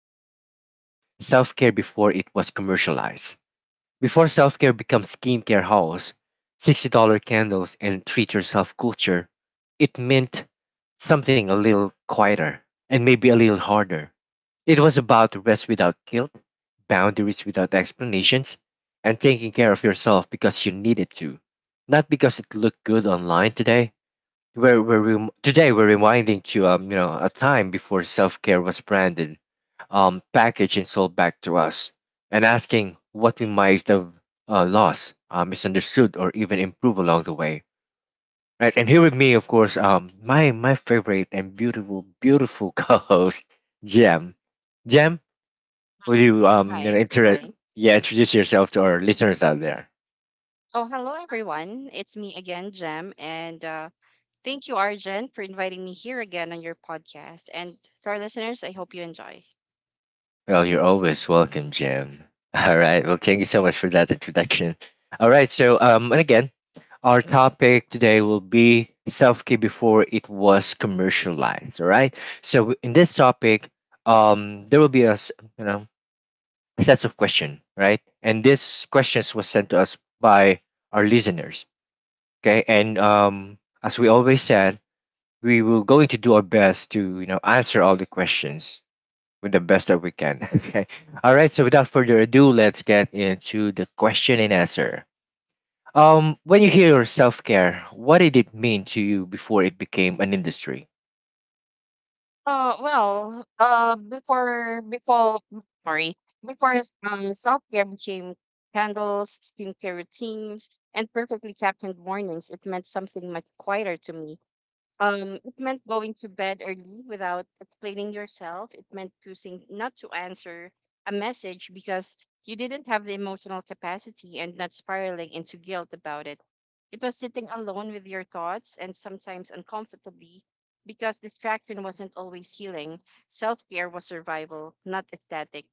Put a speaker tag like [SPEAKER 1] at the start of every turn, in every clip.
[SPEAKER 1] will be about self care before it was commercialized. Before self care becomes skincare hauls, $60 candles, and treat yourself culture, it meant something a little quieter and maybe a little harder. It was about rest without guilt, boundaries without explanations, and taking care of yourself because you needed to, not because it looked good online. Today we're reminding you, a time before self-care was branded, packaged and sold back to us, and asking what we might have lost, misunderstood, or even improved along the way. Right, and here with me, of course, my favorite and beautiful, beautiful co-host, Jem. Jem, will
[SPEAKER 2] Mm-hmm.
[SPEAKER 1] you you know,
[SPEAKER 2] Hi.
[SPEAKER 1] inter- Hi. Yeah, introduce yourself to our listeners out there?
[SPEAKER 2] Oh, hello everyone. It's me again, Jem, and thank you, Arjen, for inviting me here again on your podcast. And to our listeners, I hope you enjoy.
[SPEAKER 1] Well, you're always welcome, Jim. All right. Well, thank you so much for that introduction. All right. So, and again, our topic today will be self care before it was commercialized. All right. So, in this topic, there will be a s- you know a sets of question, right? And these questions was sent to us by our listeners. Okay. And as we always said, we will going to do our best to answer all the questions with the best that we can. Okay. All right. So without further ado, let's get into the question and answer. When you hear self care, what did it mean to you before it became an industry?
[SPEAKER 2] Uh, well, uh, before before sorry, before self care became candles, skincare routines, and perfectly captioned mornings, it meant something much quieter to me. It meant going to bed early without explaining yourself. It meant choosing not to answer a message because you didn't have the emotional capacity and not spiraling into guilt about it. It was sitting alone with your thoughts and sometimes uncomfortably because distraction wasn't always healing. Self care was survival, not aesthetic.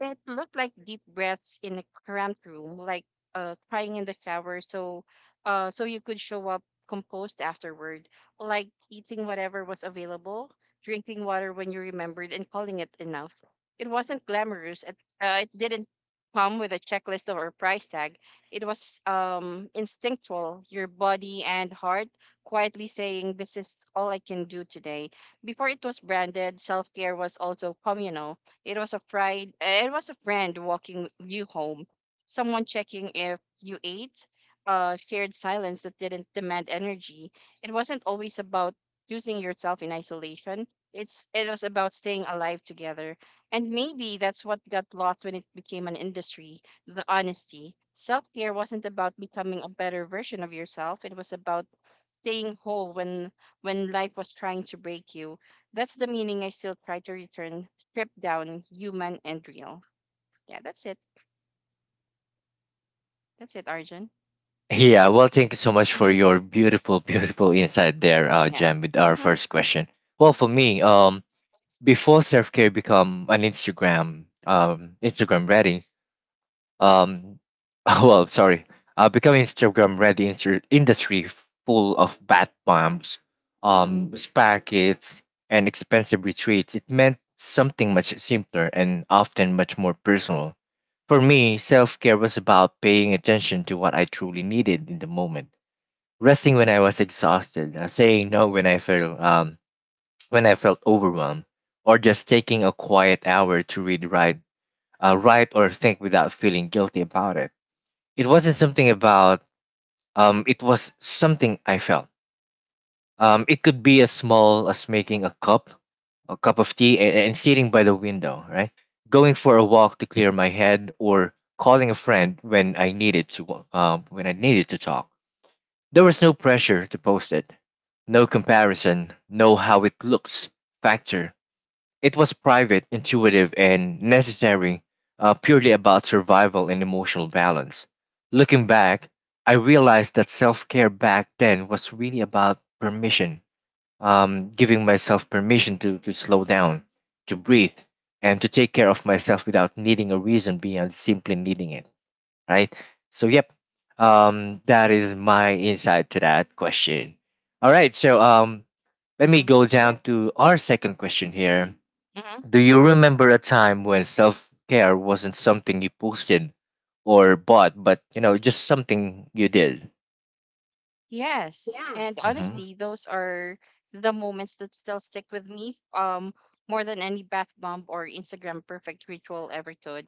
[SPEAKER 2] It looked like deep breaths in a cramped room, like crying in the shower so you could show up composed afterward, like eating whatever was available, drinking water when you remembered, and calling it enough. It wasn't glamorous. It didn't come with a checklist or a price tag. It was instinctual, your body and heart quietly saying, "This is all I can do today." Before it was branded, self care was also communal. It was a pride, it was a friend walking you home, someone checking if you ate, shared silence that didn't demand energy. It wasn't always about using yourself in isolation. It was about staying alive together. And maybe that's what got lost when it became an industry, the honesty. Self-care wasn't about becoming a better version of yourself. It was about staying whole when life was trying to break you. That's the meaning I still try to return, stripped down, human and real. Yeah, that's it. That's it, Arjun.
[SPEAKER 1] Yeah. Well, thank you so much for
[SPEAKER 2] Hmm.
[SPEAKER 1] your beautiful, beautiful insight there,
[SPEAKER 2] Yeah.
[SPEAKER 1] Jam, with our
[SPEAKER 2] Hmm.
[SPEAKER 1] first question. Well, for me, before self care become an Instagram, Instagram ready. Um, well, sorry, becoming Instagram ready industry full of bat bombs, spa kits, and expensive retreats. It meant something much simpler and often much more personal. For me, self care was about paying attention to what I truly needed in the moment, resting when I was exhausted, saying no when I felt overwhelmed, or just taking a quiet hour to read, write or think without feeling guilty about it. It wasn't something about, it was something I felt. It could be as small as making a cup of tea, and sitting by the window, right? Going for a walk to clear my head, or calling a friend when I needed to, wa- when I needed to talk. There was no pressure to post it, no comparison, no how it looks factor. It was private, intuitive, and necessary, purely about survival and emotional balance. Looking back, I realized that self care back then was really about permission, giving myself permission to slow down, to breathe, and to take care of myself without needing a reason beyond simply needing it, right? So, yep, that is my insight to that question. All right, so let me go
[SPEAKER 2] Yeah.
[SPEAKER 1] down to our second question here.
[SPEAKER 2] Mm-hmm.
[SPEAKER 1] Do you remember a time when self-care wasn't something you posted or bought, but, you know, just something you did?
[SPEAKER 2] Yes, and
[SPEAKER 1] hmm
[SPEAKER 2] honestly, those are the moments that still stick with me, more than any bath bomb or Instagram perfect ritual ever could.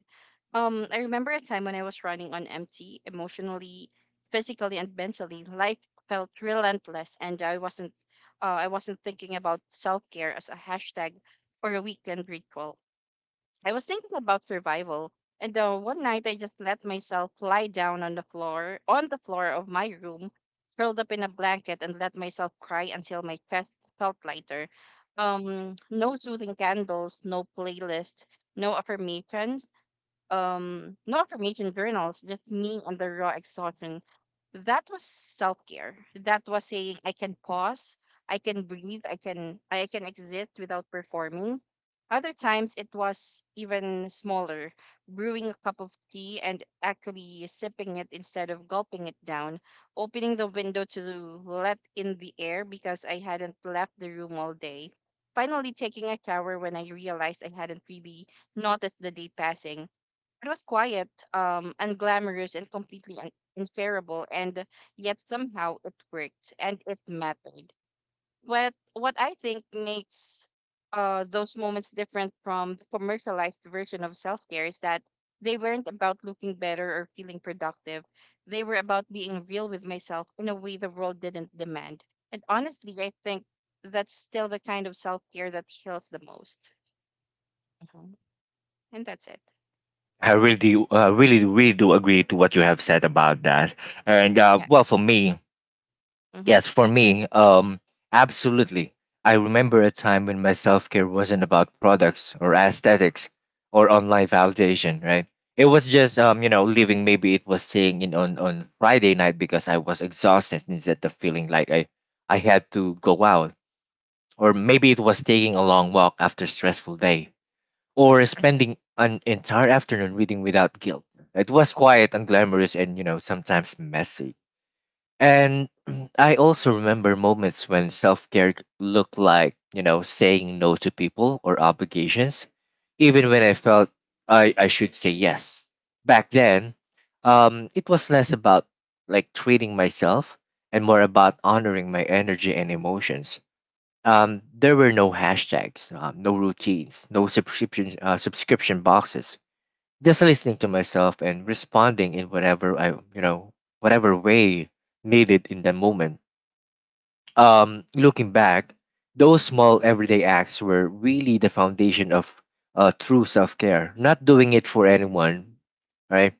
[SPEAKER 2] I remember a time when I was running on empty, emotionally, physically, and mentally. Life felt relentless, and I wasn't thinking about self care as a hashtag or a weekend ritual. I was thinking about survival, and one night I just let myself lie down on the floor of my room, curled up in a blanket, and let myself cry until my chest felt lighter. No soothing candles, no playlist, no affirmations, no information journals, just me and the raw exhaustion. That was self care. That was saying I can pause, I can breathe, I can exist without performing. Other times it was even smaller, brewing a cup of tea and actually sipping it instead of gulping it down, opening the window to let in the air because I hadn't left the room all day. Finally taking a shower when I realized I hadn't really noticed the day passing. It was quiet, unglamorous, and completely unfairable, and yet somehow it worked and it mattered. But what I think makes, those moments different from the commercialized version of self care is that they weren't about looking better or feeling productive. They were about being real with myself in a way the world didn't demand. And honestly, I think that's still the kind of self care that heals the most. Mhm. And that's it.
[SPEAKER 1] I really do, I really, really do agree to what you have said about that. And
[SPEAKER 2] Yeah.
[SPEAKER 1] well, for me,
[SPEAKER 2] Mm-hmm.
[SPEAKER 1] yes, for me, absolutely. I remember a time when my self care wasn't about products or aesthetics or online validation, right? It was just, leaving. Maybe it was staying in on Friday night because I was exhausted instead of feeling like I had to go out. Or maybe it was taking a long walk after a stressful day. Or spending an entire afternoon reading without guilt. It was quiet and glamorous and, you know, sometimes messy and I also remember moments when self care looked like, you know, saying no to people or obligations, even when I felt I should say yes. Back then, it was less about like treating myself and more about honoring my energy and emotions. There were no hashtags, no routines, no subscription boxes, just listening to myself and responding in whatever I, you know, whatever way needed in that moment. Looking back, those small everyday acts were really the foundation of true self care. Not doing it for anyone, right?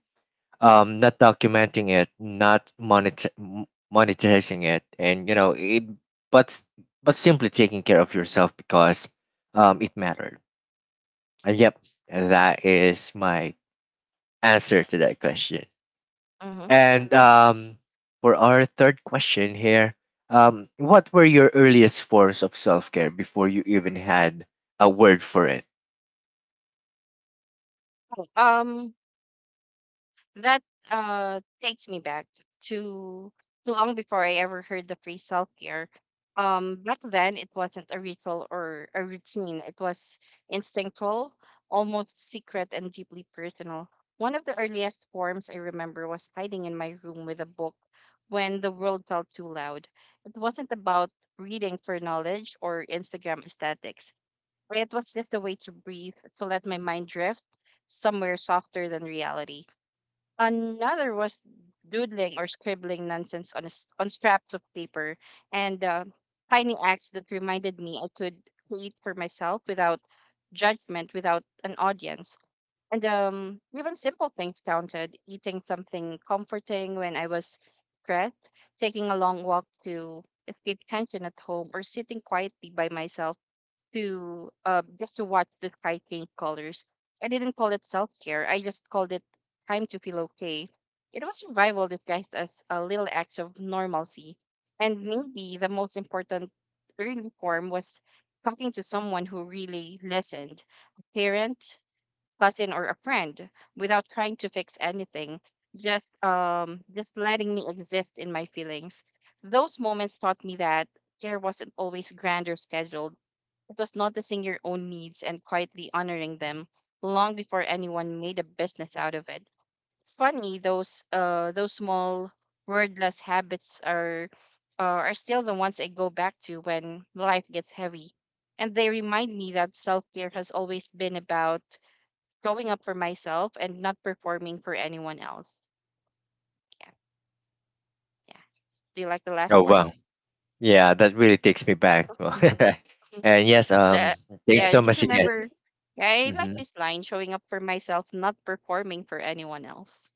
[SPEAKER 1] Not documenting it, not monetizing it, and you know it, but but simply taking care of yourself because it mattered. And yep, that is my answer to that question.
[SPEAKER 2] Mm-hmm.
[SPEAKER 1] And for our third question here, what were your earliest forms of self care before you even had a word for it?
[SPEAKER 2] Um, That takes me back to long before I ever heard the phrase self care. Back then it wasn't a ritual or a routine. It was instinctual, almost secret, and deeply personal. One of the earliest forms I remember was hiding in my room with a book when the world felt too loud. It wasn't about reading for knowledge or Instagram aesthetics. It was just a way to breathe, to let my mind drift somewhere softer than reality. Another was doodling or scribbling nonsense on, a s on scraps of paper and tiny acts that reminded me I could create for myself without judgment, without an audience. And even simple things counted: eating something comforting when I was stressed, taking a long walk to escape tension at home, or sitting quietly by myself to just to watch the sky change colors. I didn't call it self care. I just called it time to feel okay. It was survival disguised as a little acts of normalcy. And maybe the most important early form was talking to someone who really listened, a parent, cousin, or a friend, without trying to fix anything. Just letting me exist in my feelings. Those moments taught me that care wasn't always grand or scheduled. It was noticing your own needs and quietly honoring them long before anyone made a business out of it. It's funny, those small wordless habits are, are still the ones I go back to when life gets heavy, and they remind me that self care has always been about growing up for myself and not performing for anyone else. Yeah, yeah. Do you like the last
[SPEAKER 1] Oh
[SPEAKER 2] part?
[SPEAKER 1] wow, yeah, that really takes me back. And yes,
[SPEAKER 2] The
[SPEAKER 1] thanks
[SPEAKER 2] yeah,
[SPEAKER 1] so
[SPEAKER 2] just
[SPEAKER 1] much again.
[SPEAKER 2] remember. Yeah, I
[SPEAKER 1] hmm
[SPEAKER 2] like this line: showing up for myself, not performing for anyone else.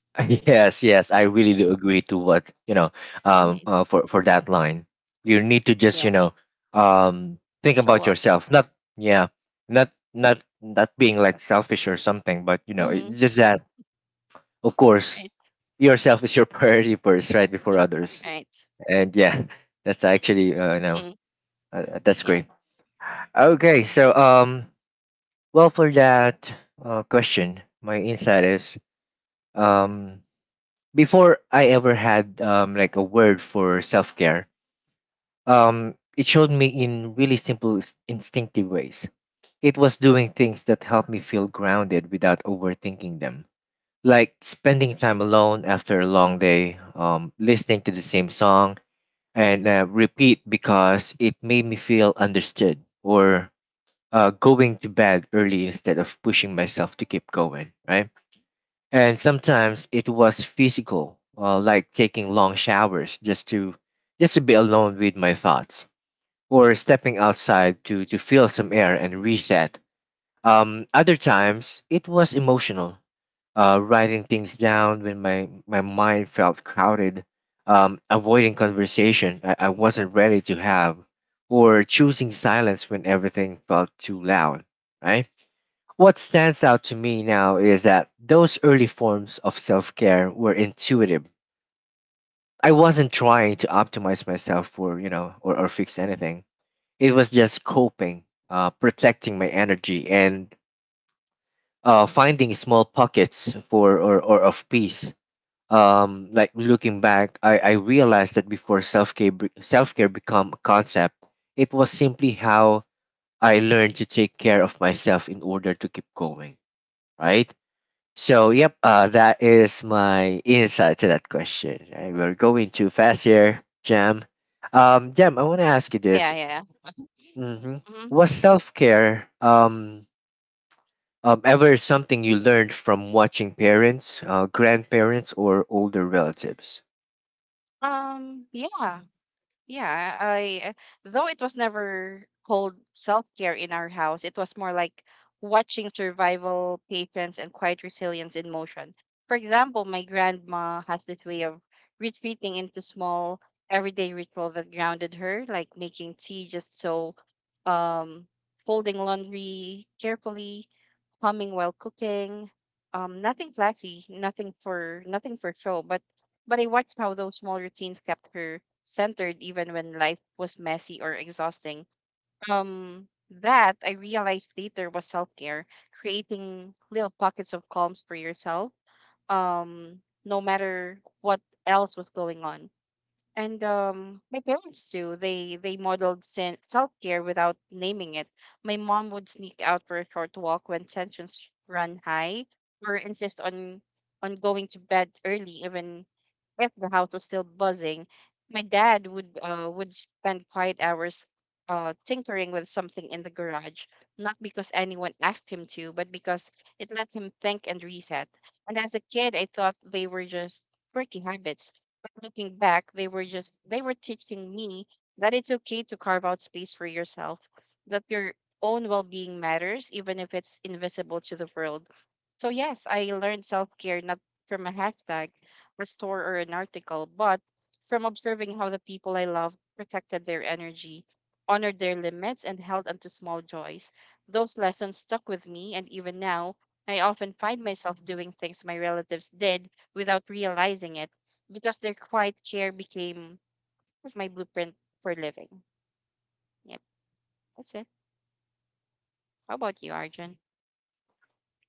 [SPEAKER 1] Yes, yes, I
[SPEAKER 2] Yeah.
[SPEAKER 1] really do agree to what you know. Um,
[SPEAKER 2] Hmm.
[SPEAKER 1] uh, for for that line, you need to just,
[SPEAKER 2] Yeah.
[SPEAKER 1] you know, think
[SPEAKER 2] Show
[SPEAKER 1] about
[SPEAKER 2] up.
[SPEAKER 1] yourself. Not yeah, not being like selfish or something, but, you know,
[SPEAKER 2] Mm-hmm.
[SPEAKER 1] it's just that of course
[SPEAKER 2] Right.
[SPEAKER 1] yourself is your priority first, right, before
[SPEAKER 2] Hmm.
[SPEAKER 1] others.
[SPEAKER 2] Right.
[SPEAKER 1] And yeah, that's actually
[SPEAKER 2] Hmm.
[SPEAKER 1] that's
[SPEAKER 2] Yeah.
[SPEAKER 1] great. Okay, so well for that question, my insight is um before I ever had like a word for self care, it showed me in really instinctive ways. It was doing things that helped me feel grounded without overthinking them. Like spending time alone after a long day, listening to the same song, and repeat because it made me feel understood or going to bed early instead of pushing myself to keep going, right? And sometimes it was physical, like taking long showers just to be alone with my thoughts or stepping outside to feel some air and reset. Other times it was emotional, writing things down when my mind felt crowded, avoiding conversation I wasn't ready to have, or choosing silence when everything felt too loud, right? What stands out to me now is that those early forms of self care were intuitive. I wasn't trying to optimize myself for, you know, or fix anything. It was just coping, protecting my energy, and finding small pockets or of peace. Like looking back, I realized that before self-care become a concept, it was simply how I learned to take care of myself in order to keep going, right? So yep, that is my insight to that question, right? We're going too fast here, Jam. Jam, I want to ask you
[SPEAKER 2] Yeah.
[SPEAKER 1] this.
[SPEAKER 2] Yeah, yeah.
[SPEAKER 1] hmm
[SPEAKER 2] Mm-hmm.
[SPEAKER 1] was self-care ever something you learned from watching parents, grandparents, or older relatives?
[SPEAKER 2] Yeah. Yeah, I though it was never called self-care in our house, it was more like watching survival, patience, and quiet resilience in motion. For example, my grandma has this way of retreating into small everyday ritual that grounded her, like making tea just so, um, folding laundry carefully, humming while cooking. Nothing flashy, nothing for show, but I watched how those small routines kept her centered even when life was messy or exhausting. Um, that I realized later was self care, creating little pockets of calms for yourself, no matter what else was going on. And my parents too. They modeled self care without naming it. My mom would sneak out for a short walk when tensions run high, or insist on going to bed early even if the house was still buzzing. My dad would spend quiet hours tinkering with something in the garage, not because anyone asked him to, but because it let him think and reset. And as a kid, I thought they were just quirky habits. But looking back, they were teaching me that it's okay to carve out space for yourself, that your own well-being matters, even if it's invisible to the world. So yes, I learned self-care not from a hashtag, a store or an article, but from observing how the people I love protected their energy, honored their limits, and held onto small joys. Those lessons stuck with me, and even now, I often find myself doing things my relatives did without realizing it because their quiet care became my blueprint for living. Yep, that's it. How about you, Arjun?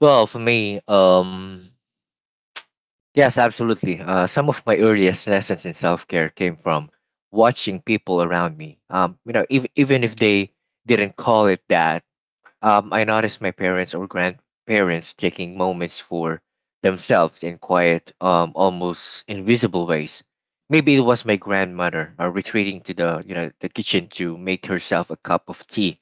[SPEAKER 1] Well, for me, yes, absolutely. Some of my earliest lessons in self care came from watching people around me. You know, if, even if they didn't call it that, I noticed my parents or grandparents taking moments for themselves in quiet, almost invisible ways. Maybe it was my grandmother retreating to the you know the kitchen to make herself a cup of tea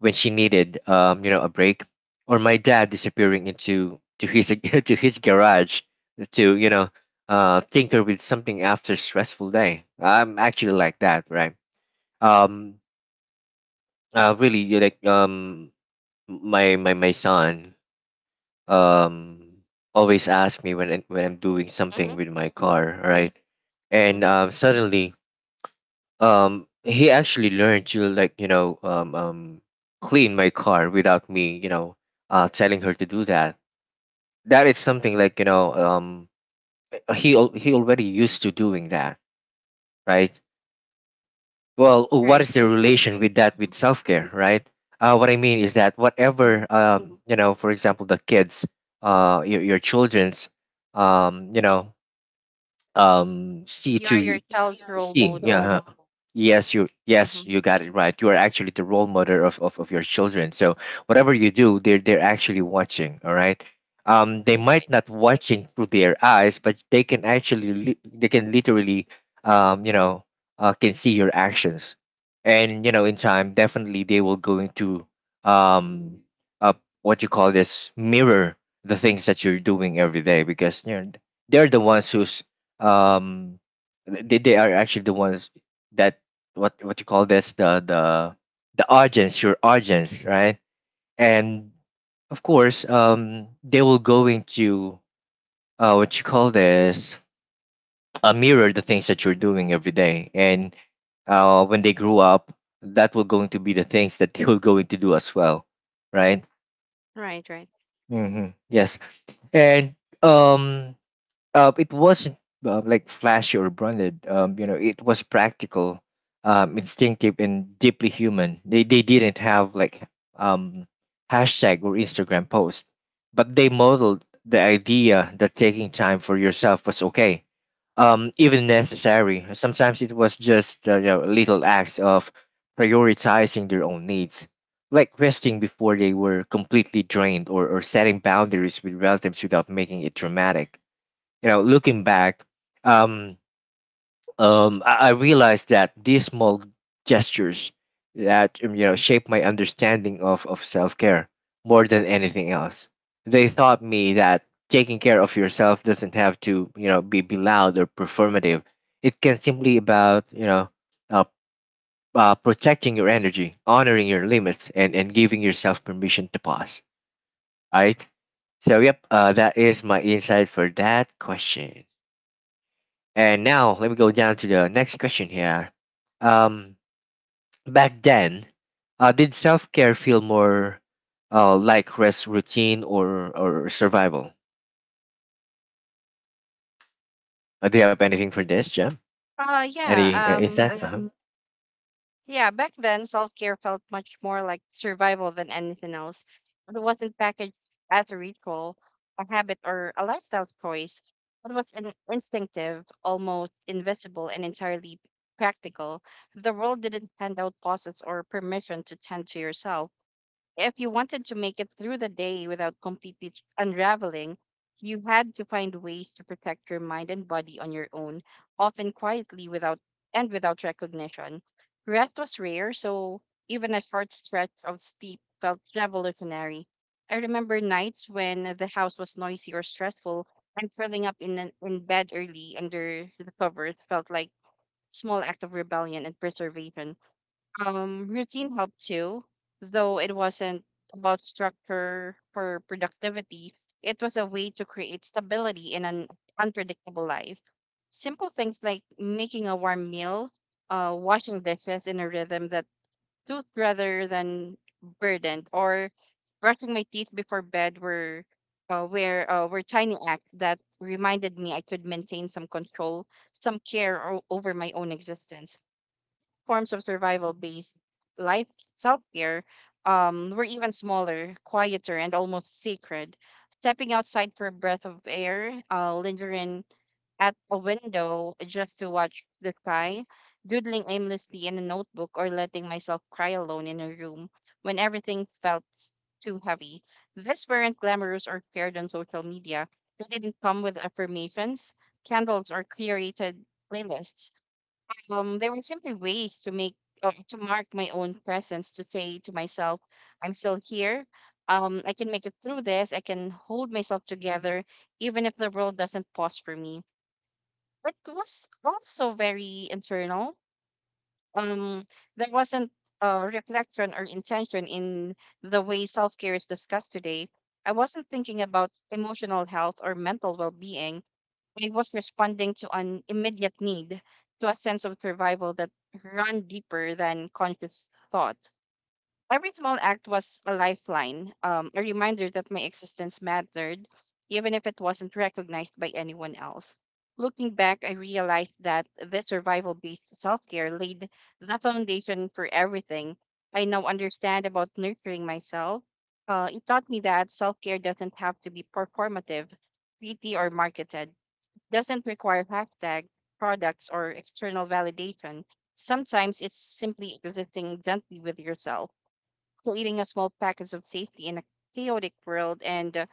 [SPEAKER 1] when she needed, a break, or my dad disappearing into to his to his garage to, you know, tinker with something after a stressful day. I'm actually like that, right? Um, Really, you like, my my son um always asks me when I'm doing
[SPEAKER 2] Mm-hmm.
[SPEAKER 1] something with my car,
[SPEAKER 2] Yeah.
[SPEAKER 1] right?
[SPEAKER 2] Mm-hmm.
[SPEAKER 1] And suddenly he actually learned to, like, you know, clean my car without me, you know, telling her to do that. That is something, like, you know, he already used to doing that, right? Well, what
[SPEAKER 2] Right,
[SPEAKER 1] is the
[SPEAKER 2] right.
[SPEAKER 1] relation with that with self-care, right? What I mean is that
[SPEAKER 2] Mm-hmm.
[SPEAKER 1] whatever, you know, for example, the kids, your children's, um you know see
[SPEAKER 2] You are
[SPEAKER 1] to you-
[SPEAKER 2] your
[SPEAKER 1] Yeah, yeah.
[SPEAKER 2] child's
[SPEAKER 1] That's
[SPEAKER 2] role
[SPEAKER 1] seeing the yeah role
[SPEAKER 2] model.
[SPEAKER 1] huh. model. yes you yes
[SPEAKER 2] Mm-hmm.
[SPEAKER 1] you got it right. You are actually the role model of your children. So whatever you do, they're actually watching, all right. They
[SPEAKER 2] Right,
[SPEAKER 1] might
[SPEAKER 2] right,
[SPEAKER 1] not watching through their eyes, but they can actually they can literally um you know can see your actions. And you know, in time, definitely they will go into um uh, what you call this, mirror the things that you're doing every day. Because you know, they're the ones who's um they are actually the ones that, what you call this, the the audience, your audience, right? And of course, they will go into what you call this, a mirror, the things that you're doing every day. And when they grow up, that will going to be the things that they will going to do as well, right?
[SPEAKER 2] right.
[SPEAKER 1] Hmm, yes. And um it wasn't like flashy or branded. It was practical, instinctive, and deeply human. They didn't have like um, hashtag or Instagram post, but they modeled the idea that taking time for yourself was okay, even necessary. Sometimes it was just little acts of prioritizing their own needs. Like resting before they were completely drained, or setting boundaries with relatives without making it dramatic. You know, looking back, um, I realized that these small gestures that shaped my understanding of self care more than anything else. They taught me that taking care of yourself doesn't have to be loud or performative. It can simply about uh, protecting your energy, honoring your limits, and giving yourself permission to pause. Right. So, yep, that is my insight for that question. And now let me go down to the next question here. Um, Back then, did self care feel more like rest, routine, or survival? Do you have anything for this, Jim?
[SPEAKER 2] Uh, yeah.
[SPEAKER 1] Any
[SPEAKER 2] Um,
[SPEAKER 1] insights? Uh-huh.
[SPEAKER 2] yeah. Back then, self care felt much more like survival than anything else. It wasn't packaged as a ritual, a habit, or a lifestyle choice. It was an instinctive, almost invisible, and entirely practical. The world didn't hand out pauses or permission to tend to yourself. If you wanted to make it through the day without completely unraveling, you had to find ways to protect your mind and body on your own, often quietly without recognition. Rest was rare, so even a short stretch of sleep felt revolutionary. I remember nights when the house was noisy or stressful, and curling up in bed early under the covers felt like small act of rebellion and preservation. Routine helped too, though it wasn't about structure or productivity. It was a way to create stability in an unpredictable life. Simple things like making a warm meal, washing dishes in a rhythm that suits rather than burdened, or brushing my teeth before bed were, where were tiny acts that reminded me I could maintain some control, some care over my own existence, forms of survival based life self care, were even smaller, quieter, and almost sacred. Stepping outside for a breath of air, lingering at a window just to watch the sky, doodling aimlessly in a notebook, or letting myself cry alone in a room when everything felt too heavy. These weren't glamorous or shared on social media. They didn't come with affirmations, candles, or curated playlists. There were simply ways to make, to mark my own presence, to say to myself, "I'm still here. I can make it through this. I can hold myself together," even if the world doesn't pause for me. But it was also very internal. Um, there wasn't reflection or intention in the way self care is discussed today. I wasn't thinking about emotional health or mental well being. I was responding to an immediate need, to a sense of survival that ran deeper than conscious thought. Every small act was a lifeline, a reminder that my existence mattered, even if it wasn't recognized by anyone else. Looking back, I realized that this survival based self care laid the foundation for everything I now understand about nurturing myself. It taught me that self care doesn't have to be performative, pretty, or marketed, doesn't require hashtag products or external validation. Sometimes it's simply existing gently with yourself, creating a small package of safety in a chaotic world, and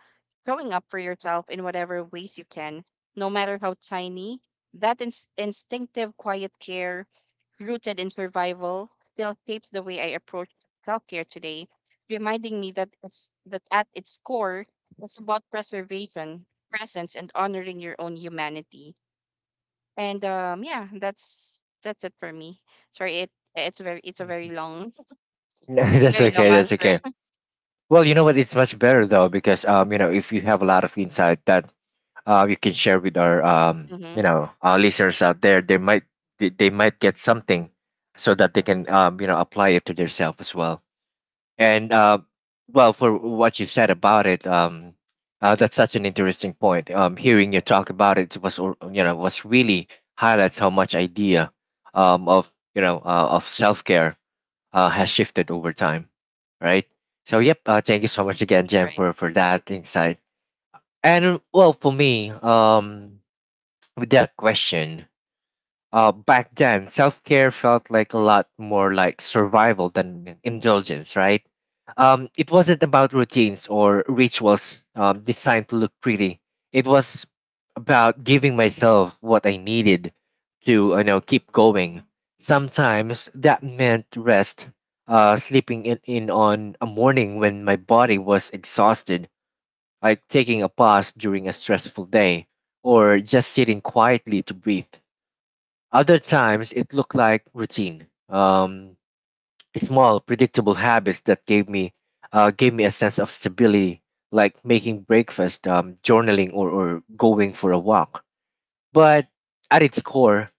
[SPEAKER 2] showing up for yourself in whatever ways you can, no matter how tiny. Instinctive quiet care, rooted in survival, still shapes the way I approach self care today, reminding me that it's that at its core, it's about preservation, presence, and honoring your own humanity. And yeah, that's it for me. Sorry, it's a very
[SPEAKER 1] Mhm.
[SPEAKER 2] long
[SPEAKER 1] No, that's
[SPEAKER 2] very long
[SPEAKER 1] okay. That's
[SPEAKER 2] answer.
[SPEAKER 1] okay. Well, you know what? It's much better though, because if you have a lot of insight, that you can share with our
[SPEAKER 2] Mm-hmm.
[SPEAKER 1] listeners out there. They might they might get something so that they can apply it to themselves as well. And well, for what you said about it, that's such an interesting point. Hearing you talk about it was was really highlights how much idea of you know of self care has shifted over time, right? So yep, thank you so much again,
[SPEAKER 2] Right,
[SPEAKER 1] Jen,
[SPEAKER 2] right.
[SPEAKER 1] for that insight. And well, for me, with that question. Back then, self care felt like a lot more like survival than indulgence, right? It wasn't about routines or rituals designed to look pretty. It was about giving myself what I needed to, you know, keep going. Sometimes that meant rest, sleeping in on a morning when my body was exhausted, like taking a pause during a stressful day or just sitting quietly to breathe. Other times, it looked like routine, small, predictable habits that gave me a sense of stability, like making breakfast, journaling, or going for a walk. But at its core,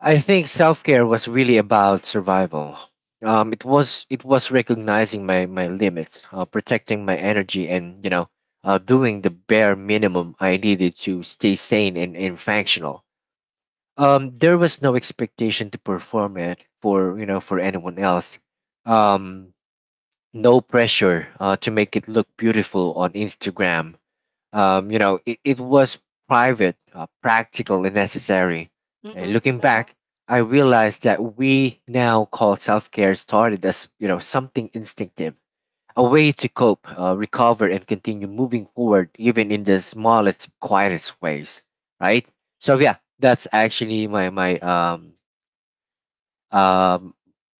[SPEAKER 1] I think self care was really about survival. It was recognizing my limits, protecting my energy, and doing the bare minimum I needed to stay sane and functional. There was no expectation to perform it for for anyone else. Um, no pressure to make it look beautiful on Instagram. It was private, practical, and necessary.
[SPEAKER 2] Mm-hmm.
[SPEAKER 1] And looking back, I realized that we now call self care started as something instinctive, a way to cope, recover, and continue moving forward, even in the smallest, quietest ways. Right. So yeah, that's actually um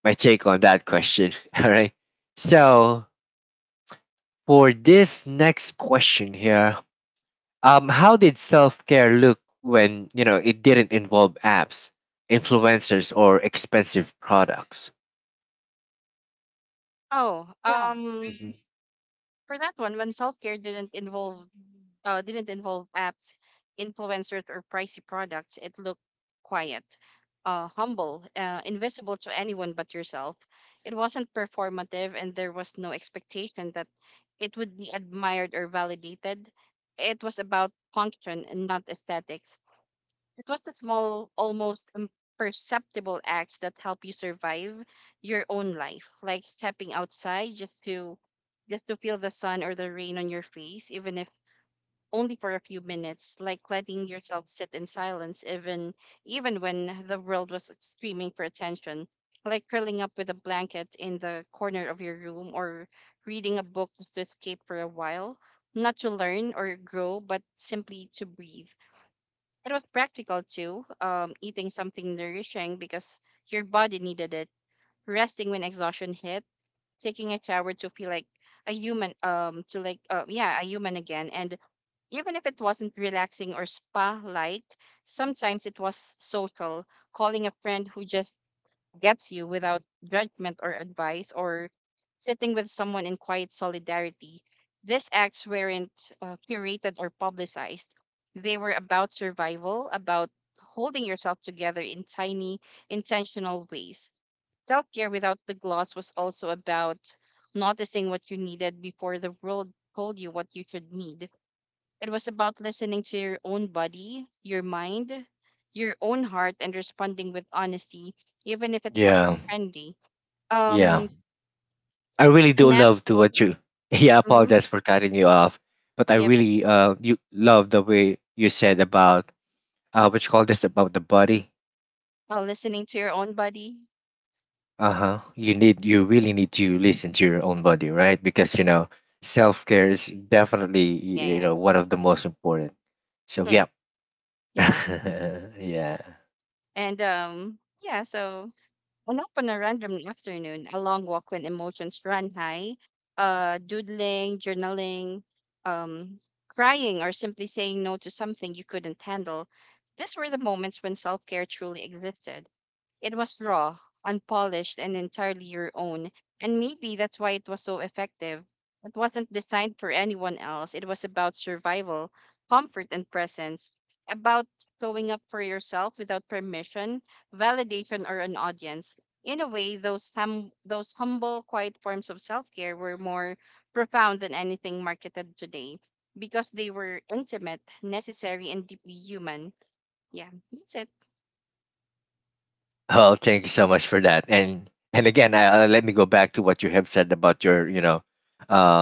[SPEAKER 1] my take on that question. All right. So for this next question here, how did self care look when it didn't involve apps, influencers, or expensive products?
[SPEAKER 2] Oh, um,
[SPEAKER 1] Hmm.
[SPEAKER 2] for that one, when self-care didn't involve apps, influencers, or pricey products, it looked quiet, humble, invisible to anyone but yourself. It wasn't performative, and there was no expectation that it would be admired or validated. It was about function and not aesthetics. It was the small, almost imperceptible acts that help you survive your own life, like stepping outside just to feel the sun or the rain on your face, even if only for a few minutes, like letting yourself sit in silence even when the world was screaming for attention, like curling up with a blanket in the corner of your room, or reading a book just to escape for a while, not to learn or grow, but simply to breathe. It was practical too. Eating something nourishing because your body needed it, resting when exhaustion hit, taking a shower to feel like a human, a human again. And even if it wasn't relaxing or spa like, sometimes it was social, calling a friend who just gets you without judgment or advice, or sitting with someone in quiet solidarity. These acts weren't curated or publicized. They were about survival, about holding yourself together in tiny, intentional ways. Self care without the gloss was also about noticing what you needed before the world told you what you should need. It was about listening to your own body, your mind, your own heart, and responding with honesty, even if it wasn't
[SPEAKER 1] Yeah,
[SPEAKER 2] trendy.
[SPEAKER 1] yeah.
[SPEAKER 2] Um,
[SPEAKER 1] I really
[SPEAKER 2] a
[SPEAKER 1] do
[SPEAKER 2] nap.
[SPEAKER 1] love to what you. Yeah, I
[SPEAKER 2] Mm-hmm,
[SPEAKER 1] apologize for cutting you off, but I
[SPEAKER 2] yep.
[SPEAKER 1] really you love the way you said about what you call this, about the body.
[SPEAKER 2] Well, listening to your own body.
[SPEAKER 1] Uh huh. You really need to listen to your own body, right? Because you know, self care is definitely
[SPEAKER 2] Yeah, yeah.
[SPEAKER 1] one of the most important. So
[SPEAKER 2] Hmm,
[SPEAKER 1] yeah,
[SPEAKER 2] yeah.
[SPEAKER 1] yeah.
[SPEAKER 2] And um, yeah. So, a nap on a random afternoon, a long walk when emotions run high, doodling, journaling, um, crying, or simply saying no to something you couldn't handle. These were the moments when self care truly existed. It was raw, unpolished, and entirely your own. And maybe that's why it was so effective. It wasn't designed for anyone else. It was about survival, comfort, and presence, about showing up for yourself without permission, validation, or an audience. In a way, those humble, quiet forms of self-care were more profound than anything marketed today because they were intimate, necessary, and deeply human. Yeah, that's it.
[SPEAKER 1] Well, thank you so much for that. And again, let me go back to what you have said about your, you know,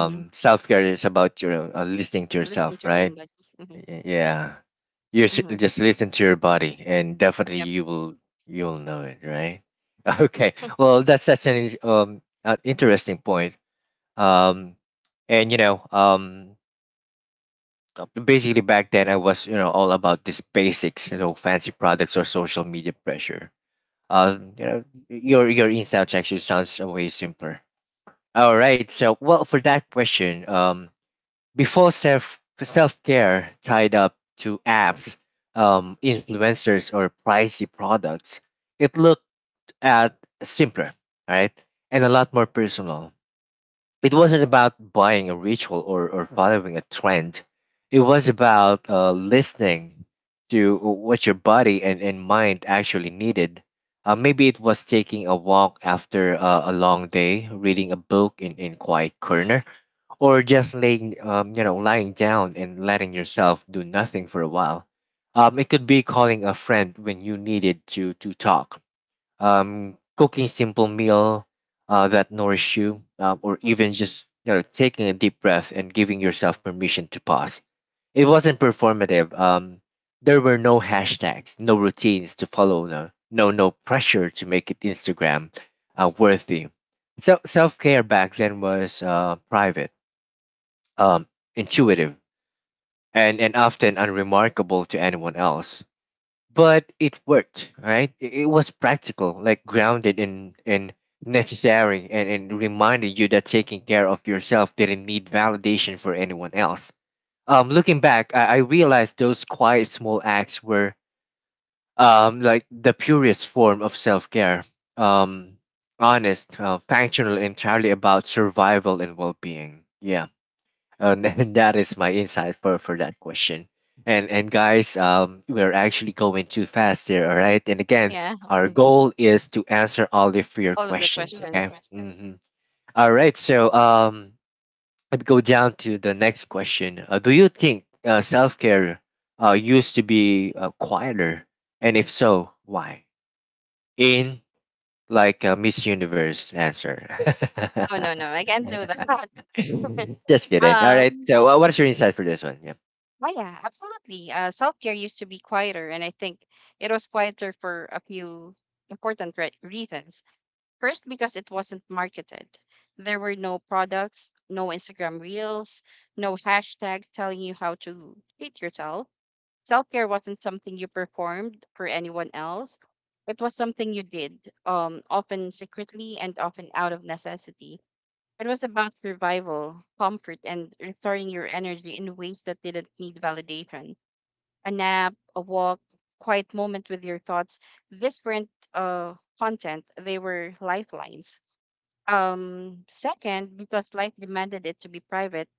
[SPEAKER 2] Mhm.
[SPEAKER 1] self care is about your listening to
[SPEAKER 2] Listening
[SPEAKER 1] yourself,
[SPEAKER 2] to your
[SPEAKER 1] right?
[SPEAKER 2] own body. Mhm.
[SPEAKER 1] Y- Yeah, you should
[SPEAKER 2] Hmm.
[SPEAKER 1] just listen to your body, and definitely
[SPEAKER 2] Yep.
[SPEAKER 1] you will you'll know it, right?
[SPEAKER 2] Yeah.
[SPEAKER 1] Okay. Well, that's such an an interesting point. Um, and you know, um, Basically back then I was you know all about these basics, you know, fancy products or social media pressure. Your insights actually sounds a way simpler. All right. So, well, for that question, before self care tied up to apps, influencers or pricey products, it looked at simpler, all right, and a lot more personal. It wasn't about buying a ritual or following a trend. It was about listening to what your body and mind actually needed. Maybe it was taking a walk after a long day, reading a book in quiet corner, or just laying, lying down and letting yourself do nothing for a while. It could be calling a friend when you needed to talk, cooking simple meal that nourish you, or even just you know taking a deep breath and giving yourself permission to pause. It wasn't performative. There were no hashtags, no routines to follow, no pressure to make it Instagram worthy. So self care back then was private, um, intuitive, and often unremarkable to anyone else. But it worked, right? It was practical, like grounded in necessary, and reminded you that taking care of yourself didn't need validation for anyone else. Um, looking back, I realized those quiet small acts were the purest form of self-care, um honest, functional, entirely about survival and well-being. Yeah. And then that is my insight for that question. And guys, we're actually going too fast here, all right? And again,
[SPEAKER 2] Yeah.
[SPEAKER 1] our goal is to answer all of your
[SPEAKER 2] All of the
[SPEAKER 1] questions, okay?
[SPEAKER 2] questions.
[SPEAKER 1] Mm-hmm. All right, so let me go down to the next question. Do you think self care used to be quieter? And if so, why? In like a Miss Universe answer.
[SPEAKER 2] Oh no, no, I can't do that.
[SPEAKER 1] Just kidding. All right,
[SPEAKER 2] um.
[SPEAKER 1] so what's your insight for this one? Yeah.
[SPEAKER 2] Oh yeah, absolutely. Self care used to be quieter, and I think it was quieter for a few reasons. First, because it wasn't marketed. There were no products, no Instagram reels, no hashtags telling you how to treat yourself. Self care wasn't something you performed for anyone else. It was something you did, often secretly and often out of necessity. It was about survival, comfort, and restoring your energy in ways that didn't need validation. A nap, a walk, quiet moment with your thoughts. These weren't content, they were lifelines. Second, because life demanded it to be private.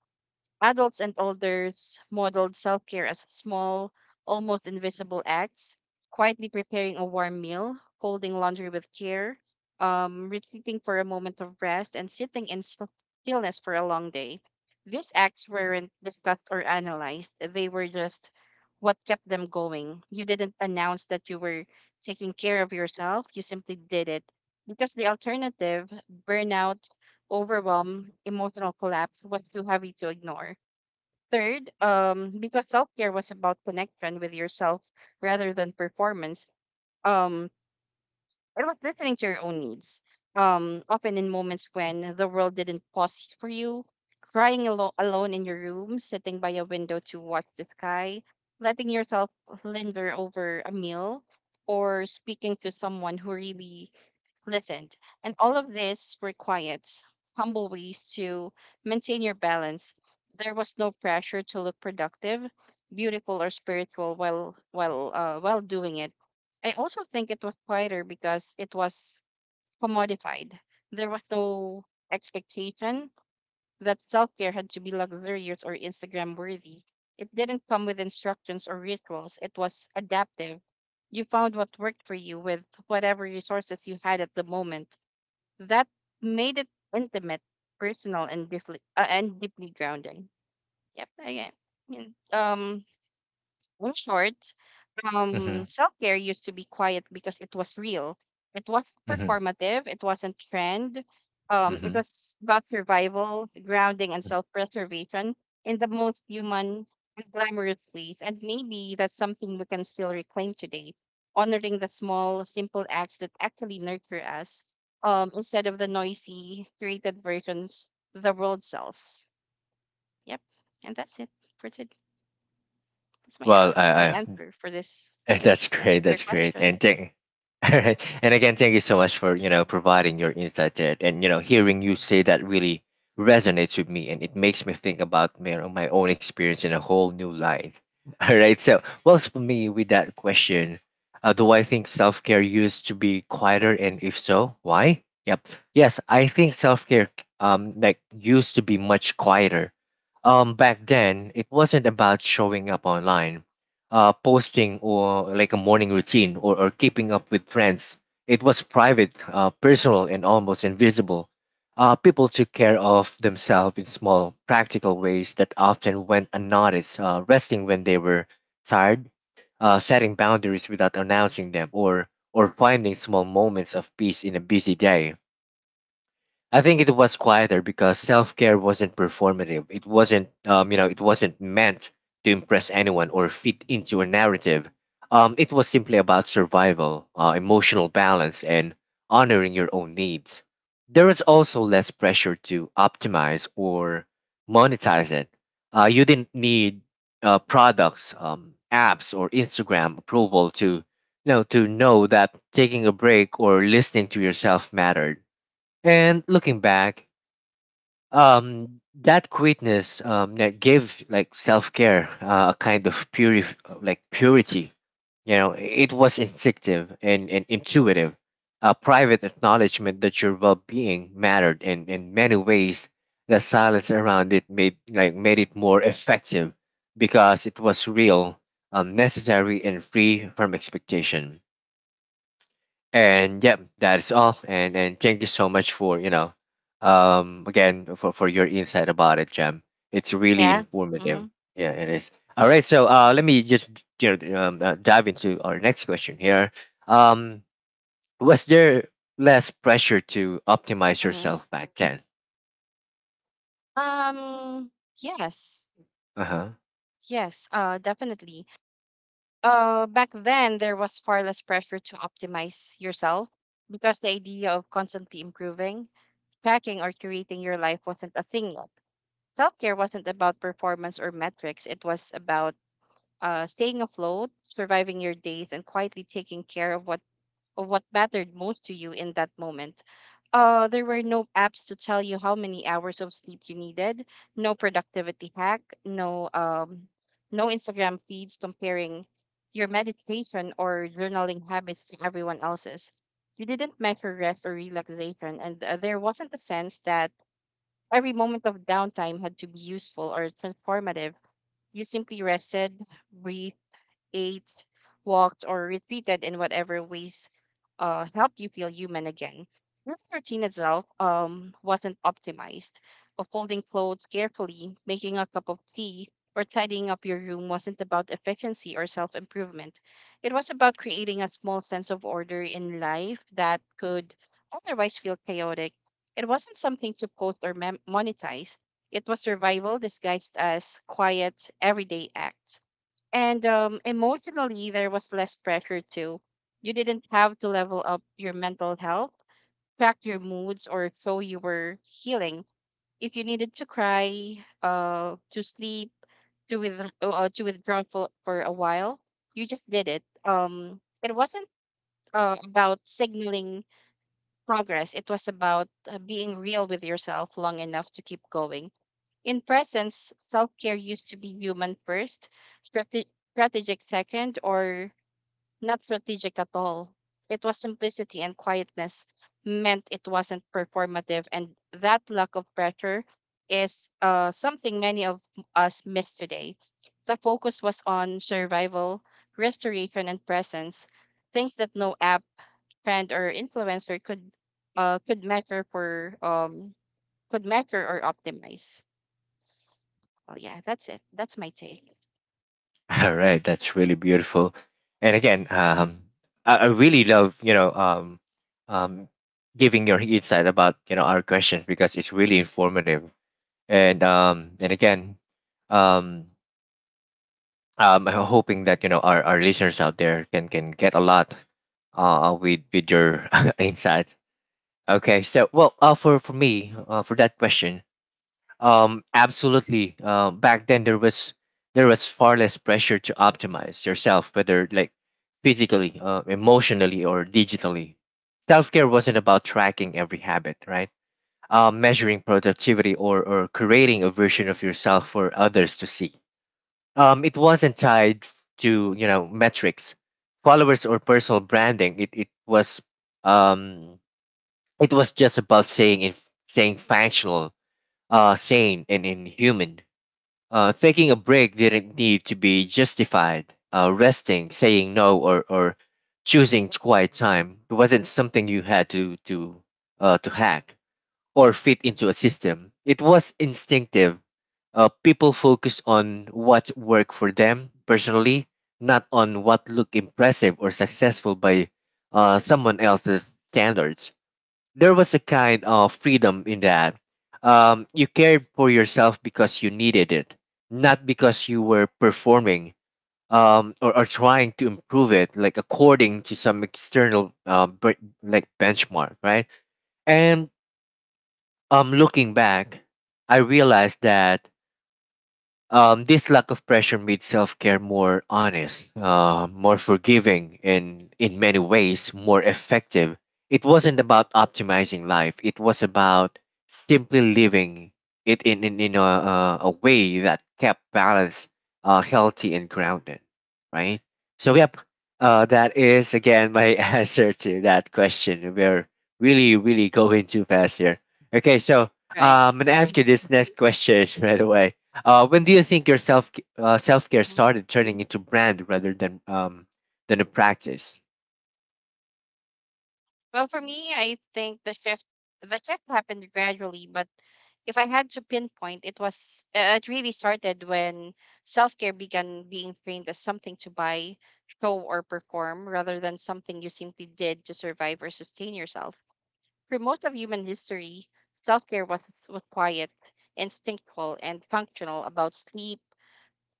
[SPEAKER 2] Adults and elders modeled self care as small, almost invisible acts, quietly preparing a warm meal, folding laundry with care, retreating for a moment of rest, and sitting stillness for a long day. These acts weren't discussed or analyzed, they were just what kept them going. You didn't announce that you were taking care of yourself, you simply did it. Because the alternative, burnout, overwhelm, emotional collapse was too heavy to ignore. Third, because self care was about connection with yourself rather than performance. Um, it was listening to your own needs, often in moments when the world didn't pause for you, alone in your room, sitting by a window to watch the sky, letting yourself linger over a meal, or speaking to someone who really listened. And all of this were quiet, humble ways to maintain your balance. There was no pressure to look productive, beautiful, or spiritual while doing it. I also think it was quieter because it was commodified. There was no expectation that self care had to be luxurious or Instagram worthy. It didn't come with instructions or rituals, it was adaptive. You found what worked for you with whatever resources you had at the moment. That made it intimate, personal, and deeply grounding. Yep, I, I mean, um, in short,
[SPEAKER 1] Mhm,
[SPEAKER 2] self care used to be quiet because it was real. It wasn't
[SPEAKER 1] mhm,
[SPEAKER 2] performative. It wasn't trend. It
[SPEAKER 1] mhm.
[SPEAKER 2] was about survival, grounding, and self preservation in the most human and glamorous ways. And maybe that's something we can still reclaim today, honoring the small, simple acts that actually nurture us, instead of the noisy, curated versions the world sells. Yep. And that's it for today. That's my, a-
[SPEAKER 1] Well,
[SPEAKER 2] that's
[SPEAKER 1] I
[SPEAKER 2] my
[SPEAKER 1] I
[SPEAKER 2] answer for this,
[SPEAKER 1] that's great.
[SPEAKER 2] for your
[SPEAKER 1] That's great.
[SPEAKER 2] question.
[SPEAKER 1] And thank, all right. And again, thank you so much for you know providing your insight there. And you know, hearing you say that really resonates with me, and it makes me think about you know, my own experience in a whole new light. All right. So, well, for me, with that question, do I think self care used to be quieter, and if so, why? Yep. Yes, I think self care used to be much quieter. Back then, it wasn't about showing up online, posting or like a morning routine, or keeping up with trends. It was private, personal, and almost invisible. People took care of themselves in small, practical ways that often went unnoticed, resting when they were tired, setting boundaries without announcing them, or finding small moments of peace in a busy day. I think it was quieter because self care wasn't performative. It wasn't, it wasn't meant to impress anyone or fit into a narrative. It was simply about survival, emotional balance, and honoring your own needs. There was also less pressure to optimize or monetize it. You didn't need products, apps, or Instagram approval to, you know, to know that taking a break or listening to yourself mattered. And looking back, that quietness that gave like self care a kind of purity. You know, it was instinctive and intuitive, a private acknowledgement that your well being mattered, and in many ways, the silence around it made it more effective because it was real, necessary, and free from expectation. And yeah, that's all, and thank you so much for again for your insight about it, Jam. It's really
[SPEAKER 2] Yeah.
[SPEAKER 1] informative.
[SPEAKER 2] Mhm.
[SPEAKER 1] Yeah, it is. All right, so let me just dive into our next question here. um was there less pressure to optimize
[SPEAKER 2] Mhm.
[SPEAKER 1] yourself back then?
[SPEAKER 2] Um yes.
[SPEAKER 1] Uh-huh.
[SPEAKER 2] Yes, definitely. Back then there was far less pressure to optimize yourself because the idea of constantly improving, tracking or curating your life wasn't a thing yet. Self-care wasn't about performance or metrics. It was about staying afloat, surviving your days and quietly taking care of what mattered most to you in that moment. There were no apps to tell you how many hours of sleep you needed, no productivity hack, no Instagram feeds comparing your meditation or journaling habits to everyone else's. You didn't measure rest or relaxation, and there wasn't a sense that every moment of downtime had to be useful or transformative. You simply rested, breathed, ate, walked, or retreated in whatever ways helped you feel human again. Your routine itself wasn't optimized. Of folding clothes carefully, making a cup of tea, or tidying up your room wasn't about efficiency or self improvement. It was about creating a small sense of order in life that could otherwise feel chaotic. It wasn't something to post monetize. It was survival disguised as quiet, everyday acts. And emotionally, there was less pressure too. You didn't have to level up your mental health, track your moods, or show you were healing. If you needed to cry, to sleep, to with to withdraw for a while, you just did it. It wasn't about signaling progress. It was about being real with yourself long enough to keep going. In presence, self care used to be human first, strategic second, or not strategic at all. It was simplicity and quietness meant it wasn't performative, and that lack of pressure is something many of us miss today. The focus was on survival, restoration and presence, things that no app, trend or influencer could measure for could measure or optimize. Well, yeah, that's it. That's my take.
[SPEAKER 1] All right, that's really beautiful. And again, I really love um giving your insight about you know our questions because it's really informative. And again, um I'm hoping that you know our listeners out there can get a lot with your insight. Okay, so well, for me, for that question, absolutely, back then there was far less pressure to optimize yourself, whether like physically, emotionally, or digitally. Self-care wasn't about tracking every habit, right? Measuring productivity, or creating a version of yourself for others to see. It wasn't tied to you know metrics, followers, or personal branding. It was um, it was just about saying functional, sane, and inhuman. Taking a break didn't need to be justified. Resting, saying no, or choosing quiet time, it wasn't something you had to hack or fit into a system. It was instinctive. People focused on what worked for them personally, not on what looked impressive or successful by someone else's standards. There was a kind of freedom in that. You cared for yourself because you needed it, not because you were performing or trying to improve it, like according to some external benchmark, right? And looking back, I realized that this lack of pressure made self care more honest, more forgiving, and in many ways more effective. It wasn't about optimizing life, it was about simply living it in a way that kept balance, healthy, and grounded. Right? So, yep, that is again my answer to that question. We're really, really going too fast here. Okay, so
[SPEAKER 2] Right.
[SPEAKER 1] I'm going to ask you this next question right away. Uh, when do you think your self care started turning into brand rather than a practice?
[SPEAKER 2] Well, for me, I think the shift happened gradually, but if I had to pinpoint, it was it really started when self care began being framed as something to buy, show, or perform, rather than something you simply did to survive or sustain yourself. For most of human history, self care was quiet, instinctual, and functional about sleep,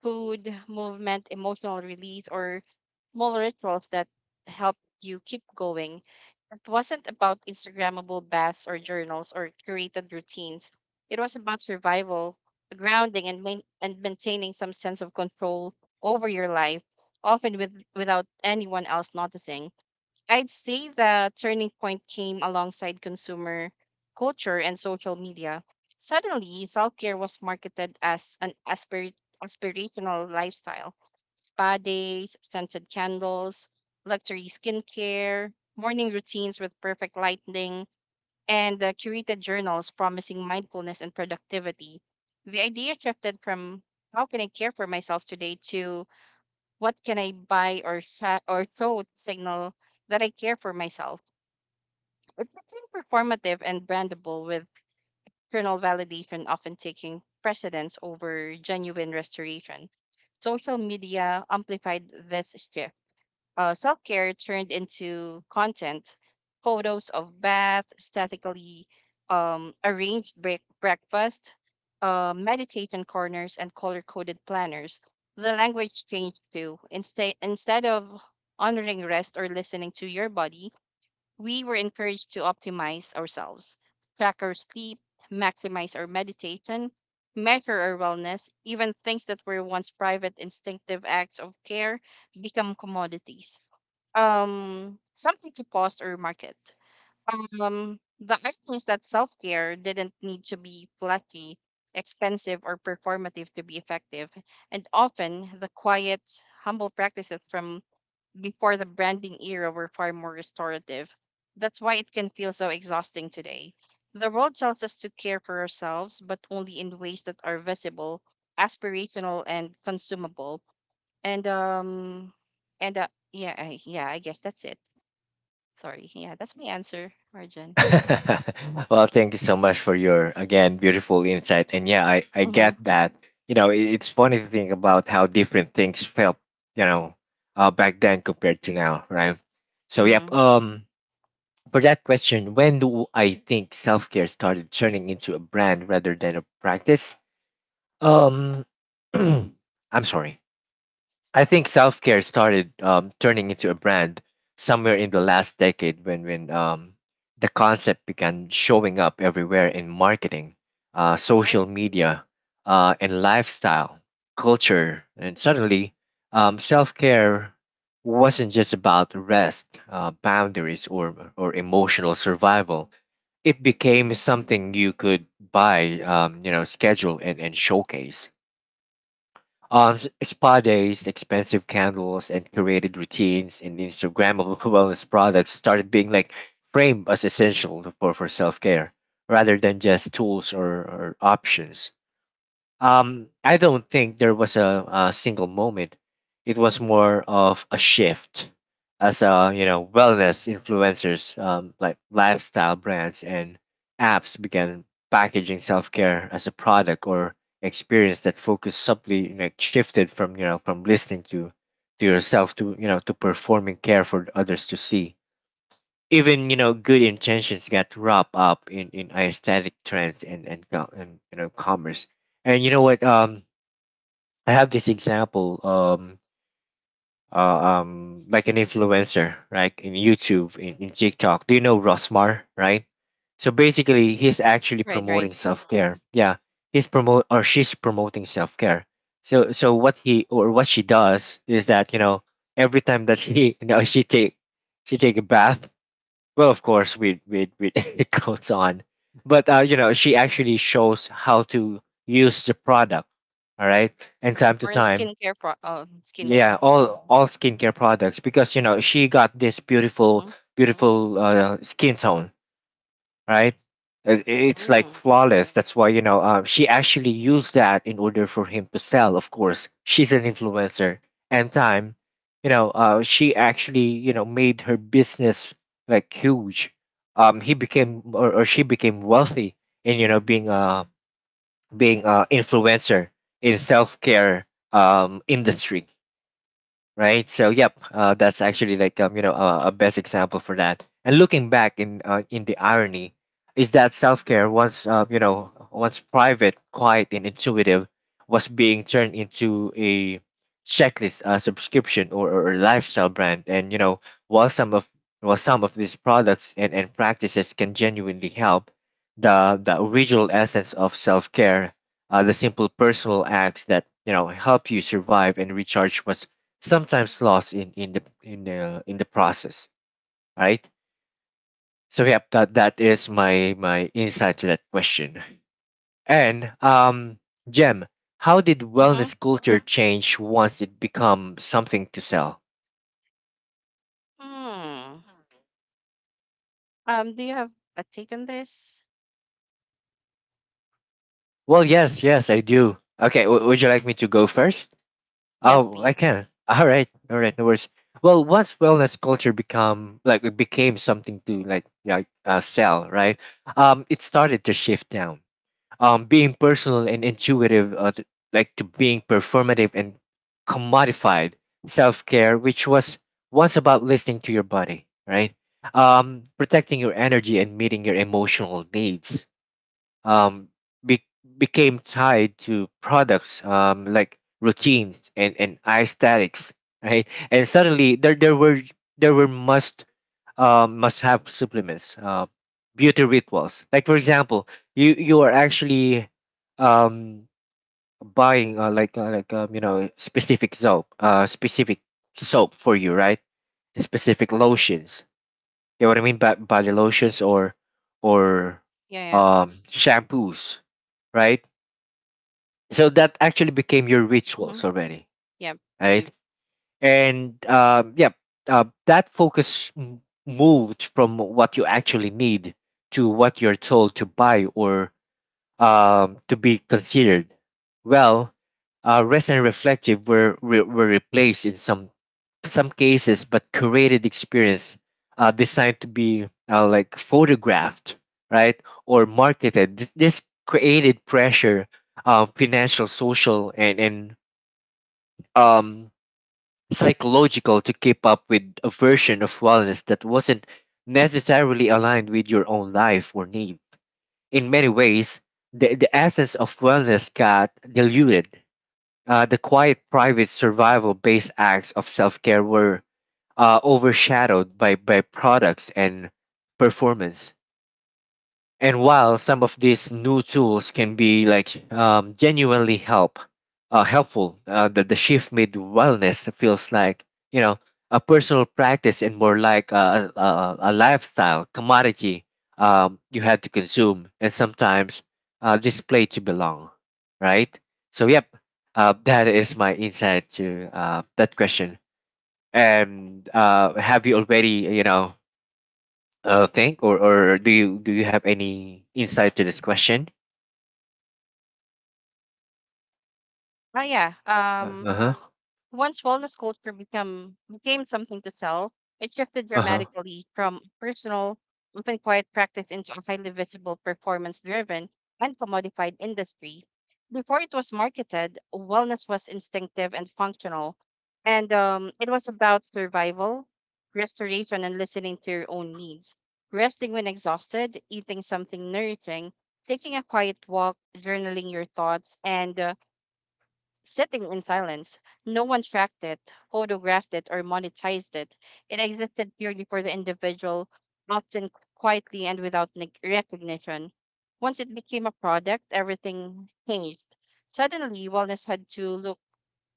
[SPEAKER 2] food, movement, emotional release, or small rituals that help you keep going. It wasn't about Instagrammable baths or journals or curated routines. It was about survival, grounding, and maintaining some sense of control over your life, often with without anyone else noticing. I'd say the turning point came alongside consumer culture and social media. Suddenly, self care was marketed as an aspirational lifestyle. Spa days, scented candles, luxury skincare, morning routines with perfect lighting, and curated journals promising mindfulness and productivity. The idea shifted from how can I care for myself today to what can I buy or, show to signal that I care for myself. It became performative and brandable, with external validation often taking precedence over genuine restoration. Social media amplified this shift. Self care turned into content, photos of bath, statically arranged breakfast, meditation corners, and color coded planners. The language changed too. Instead of honoring rest or listening to your body, we were encouraged to optimize ourselves, track our sleep, maximize our meditation, measure our wellness. Even things that were once private instinctive acts of care become commodities. Something to post or market. The irony is that self care didn't need to be flashy, expensive, or performative to be effective, and often the quiet, humble practices from before the branding era were far more restorative. That's why it can feel so exhausting today. The world tells us to care for ourselves, but only in ways that are visible, aspirational, and consumable. And um, yeah, I guess that's it. Sorry, yeah, that's my answer, Arjun.
[SPEAKER 1] Well, thank you so much for your again beautiful insight. And yeah, I
[SPEAKER 2] Mhm,
[SPEAKER 1] get that. You know, it's funny to think about how different things felt. You know, back then compared to now, right? So yep.
[SPEAKER 2] mhm,
[SPEAKER 1] For that question, when do I think self care started turning into a brand rather than a practice? Um, I'm sorry. I think self care started turning into a brand somewhere in the last decade when the concept began showing up everywhere in marketing,
[SPEAKER 2] mhm.
[SPEAKER 1] social media, and lifestyle culture. And suddenly, self care wasn't just about rest, boundaries, or emotional survival. It became something you could buy, you know, schedule and showcase. Spa days, expensive candles, and curated routines and Instagrammable wellness products started being like framed as essential for self care rather than just tools or options. I don't think there was a single moment. It was more of a shift as you know, wellness influencers, like lifestyle brands and apps began packaging self-care as a product or experience that focused subtly like shifted from, you know, from listening to yourself to, you know, to performing care for others to see. Even you know good intentions got wrapped up in aesthetic trends and you know commerce. And you know what, um, I have this example, uh, like an influencer, right? In YouTube, in TikTok, do you know Rosmar? Right, so basically he's actually
[SPEAKER 2] Right, right.
[SPEAKER 1] promoting self-care. Yeah, he's promote, or she's promoting self-care. So so what he or what she does is that you know every time that he you know she take a bath, well, of course, we clothes on, but you know, she actually shows how to use the product. All right, and time to
[SPEAKER 2] We in
[SPEAKER 1] time,
[SPEAKER 2] skincare pro. Oh,
[SPEAKER 1] yeah,
[SPEAKER 2] skincare.
[SPEAKER 1] all skincare products because you know she got this
[SPEAKER 2] Mhm,
[SPEAKER 1] beautiful skin tone, right? It's like
[SPEAKER 2] mm,
[SPEAKER 1] flawless. That's why, you know, she actually used that in order for him to sell, of course. She's an influencer. And time, you know, she actually, you know, made her business like huge. He became, or she became wealthy in, you know, being a influencer in self-care industry, right? So yep, that's actually like you know a best example for that. And looking back in the irony is that self care was you know once private, quiet, and intuitive was being turned into a checklist, a subscription, or a lifestyle brand. And you know while some of while some of these products and practices can genuinely help, the original essence of self care. The simple personal acts that you know help you survive and recharge was sometimes lost in the process, right? So yeah, that that is my my insight to that question. And um, Jem, how did
[SPEAKER 2] mhm,
[SPEAKER 1] wellness culture change once it become something to sell?
[SPEAKER 2] mm. Do you have a take on this?
[SPEAKER 1] Well yes, yes I do. Okay, would you like me to go first?
[SPEAKER 2] Yes,
[SPEAKER 1] Oh
[SPEAKER 2] please.
[SPEAKER 1] I can. All right, all right, no worries. Well once wellness culture become like it became something to like sell, right? Um it started to shift down being personal and intuitive to, like to being performative and commodified. Self-care, which was once about listening to your body, right? Um, protecting your energy and meeting your emotional needs, um, be- became tied to products like routines and aesthetics, right? And suddenly there were must have supplements, beauty rituals. Like for example, you are actually um, buying like you know specific soap for you, right? Specific lotions. You know what I mean? Body lotions or
[SPEAKER 2] Yeah, yeah.
[SPEAKER 1] shampoos, right? So that actually became your
[SPEAKER 2] Mm-hmm.
[SPEAKER 1] rituals already,
[SPEAKER 2] Yeah.
[SPEAKER 1] right? And yeah, that focus moved from what you actually need to what you're told to buy or to be considered. Well, rest and reflective were replaced in some cases, but curated experience designed to be like photographed, right, or marketed. This created pressure, financial, social, and um, psychological to keep up with a version of wellness that wasn't necessarily aligned with your own life or needs. In many ways, the essence of wellness got diluted. The quiet, private, survival based acts of self care were overshadowed by products and performance. And while some of these new tools can be like helpful, the shift made wellness feels like you know a personal practice and more like a lifestyle commodity you had to consume and sometimes display to belong, right? So yep, that is my insight to that question. And have you already you know think, or do you have any insight to this question?
[SPEAKER 2] Oh yeah.
[SPEAKER 1] Uh huh.
[SPEAKER 2] Once wellness culture become became something to sell, it shifted
[SPEAKER 1] Uh huh.
[SPEAKER 2] dramatically from personal, often quiet practice into a highly visible, performance-driven, and commodified industry. Before it was marketed, wellness was instinctive and functional, and it was about survival, restoration, and listening to your own needs. Resting when exhausted, eating something nourishing, taking a quiet walk, journaling your thoughts, and sitting in silence. No one tracked it, photographed it, or monetized it. It existed purely for the individual, often quietly and without recognition. Once it became a product, everything changed. Suddenly, wellness had to look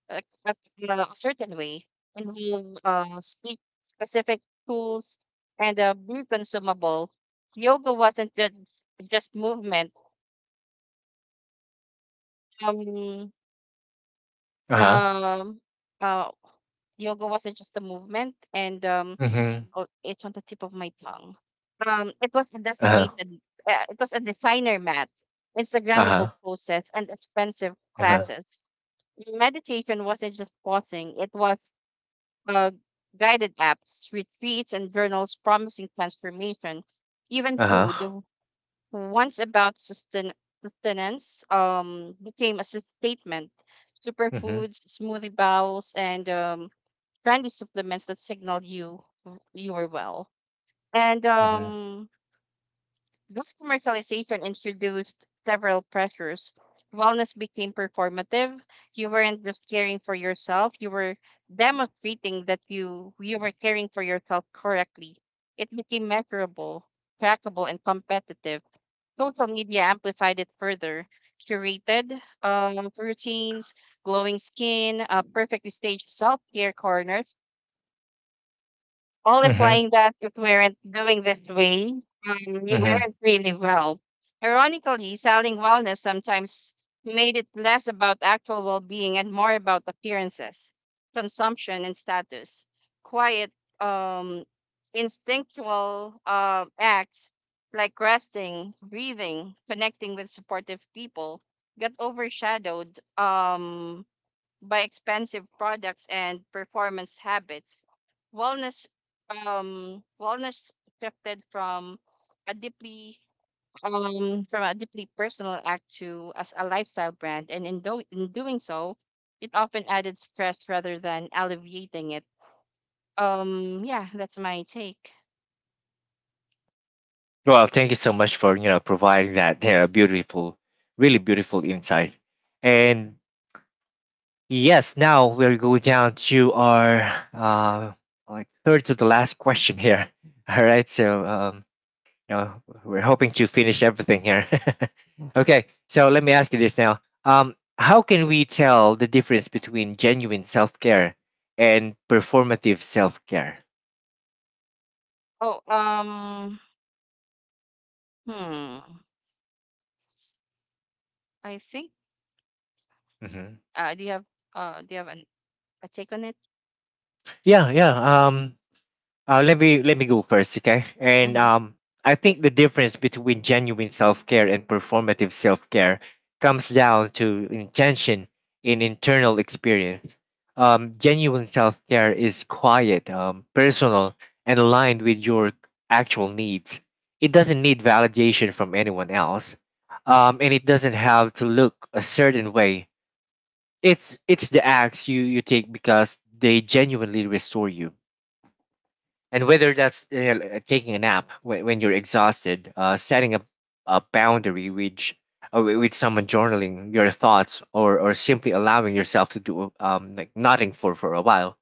[SPEAKER 2] a, a, a certain way, involve speak specific tools, and be consumable. Yoga wasn't just movement. Um,
[SPEAKER 1] Uh huh.
[SPEAKER 2] Um, uh, Yoga wasn't just a movement, and
[SPEAKER 1] Mhm.
[SPEAKER 2] oh, it's on the tip of my tongue. It was a
[SPEAKER 1] Uh huh.
[SPEAKER 2] designated, it was a designer mat,
[SPEAKER 1] Uh
[SPEAKER 2] Instagrammable
[SPEAKER 1] huh.
[SPEAKER 2] posts, and expensive
[SPEAKER 1] Uh huh.
[SPEAKER 2] classes. Meditation wasn't just pausing; it was uh, guided apps, retreats, and journals promising transformation. Even
[SPEAKER 1] Uh
[SPEAKER 2] food,
[SPEAKER 1] huh.
[SPEAKER 2] once about sustenance, became a statement.
[SPEAKER 1] Mhm.
[SPEAKER 2] Superfoods, smoothie bowls, and trendy supplements that signal you were well. And
[SPEAKER 1] Mhm.
[SPEAKER 2] this commercialization introduced several pressures. Wellness became performative. You weren't just caring for yourself; you were demonstrating that you were caring for yourself correctly. It became measurable, trackable, and competitive. Social media amplified it further. Curated routines, glowing skin, perfectly staged self care corners, all implying
[SPEAKER 1] Mhm.
[SPEAKER 2] that if we weren't doing this way, we
[SPEAKER 1] Mhm.
[SPEAKER 2] weren't really well. Ironically, selling wellness sometimes made it less about actual well being and more about appearances, consumption, and status. Quiet, um, instinctual acts like resting, breathing, connecting with supportive people got overshadowed. By expensive products and performance habits. Wellness wellness shifted from a deeply a deeply personal act to as a lifestyle brand, and in doing so, it often added stress rather than alleviating it. Yeah, that's my take.
[SPEAKER 1] Well, thank you so much for you know providing that there beautiful, really beautiful insight. And yes, now we'll go down to our uh like third to the last question here. All right. So uh, we're hoping to finish everything here. Okay, so let me ask you this now. How can we tell the difference between genuine self care and performative self care?
[SPEAKER 2] Oh, um hmm I think
[SPEAKER 1] Hmm.
[SPEAKER 2] uh do you have do you have a take on it?
[SPEAKER 1] Yeah, yeah. Uh, let me go first, okay? And
[SPEAKER 2] Mhm.
[SPEAKER 1] I think the difference between genuine self care and performative self care comes down to intention in internal experience. Genuine self care is quiet, personal, and aligned with your actual needs. It doesn't need validation from anyone else, and it doesn't have to look a certain way. It's the acts you take because they genuinely restore you. And whether that's you know, taking a nap when you're exhausted, setting up a boundary with someone, journaling your thoughts, or simply allowing yourself to do like nothing for a while.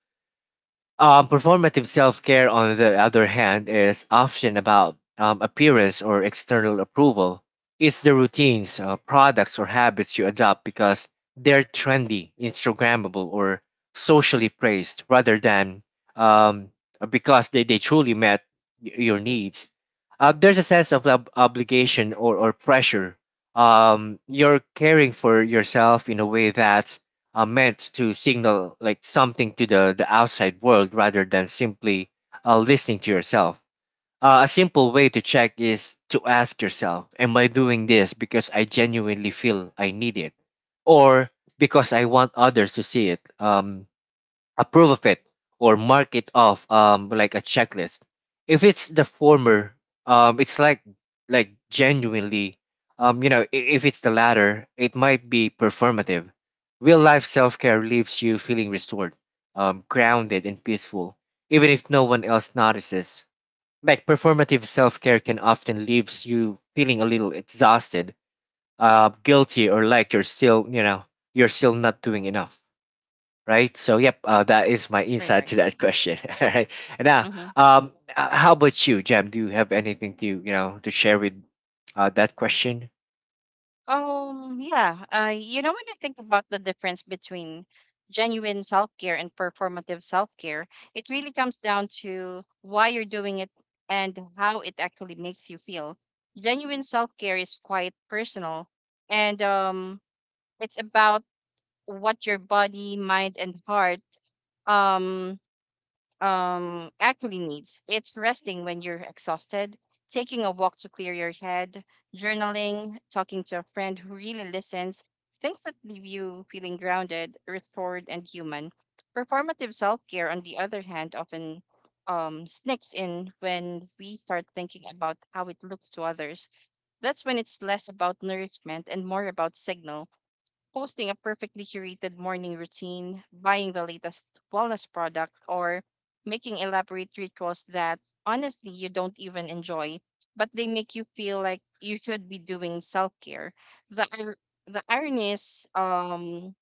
[SPEAKER 1] Um, performative self care, on the other hand, is often about appearance or external approval. It's the routines, products, or habits you adopt because they're trendy, Instagrammable, or socially praised rather than um, because they truly met your needs. There's a sense of obligation or pressure. You're caring for yourself in a way that's meant to signal like something to the outside world rather than simply listening to yourself. A simple way to check is to ask yourself, am I doing this because I genuinely feel I need it, or because I want others to see it? Approve of it or mark it off like a checklist. If it's the former it's like genuinely you know. If it's the latter, it might be performative. Real life self-care leaves you feeling restored, grounded and peaceful, even if no one else notices. Like performative self-care can often leaves you feeling a little exhausted, guilty, or like you're still you know you're still not doing enough, right? So yep, that is my
[SPEAKER 2] Right,
[SPEAKER 1] insight
[SPEAKER 2] right.
[SPEAKER 1] to that question. All right. And now, how about you, Jam? Do you have anything to to share with that question?
[SPEAKER 2] Yeah. You know, when I think about the difference between genuine self-care and performative self-care, it really comes down to why you're doing it and how it actually makes you feel. Genuine self-care is quite personal, and it's about what your body, mind, and heart um actually needs. It's resting when you're exhausted, taking a walk to clear your head, journaling, talking to a friend who really listens, things that leave you feeling grounded, restored, and human. Performative self care, on the other hand, often sneaks in when we start thinking about how it looks to others. That's when it's less about nourishment and more about signals, posting a perfectly curated morning routine, buying the latest wellness product, or making elaborate rituals that honestly you don't even enjoy, but they make you feel like you should be doing self care. The, ir- the irony is, um,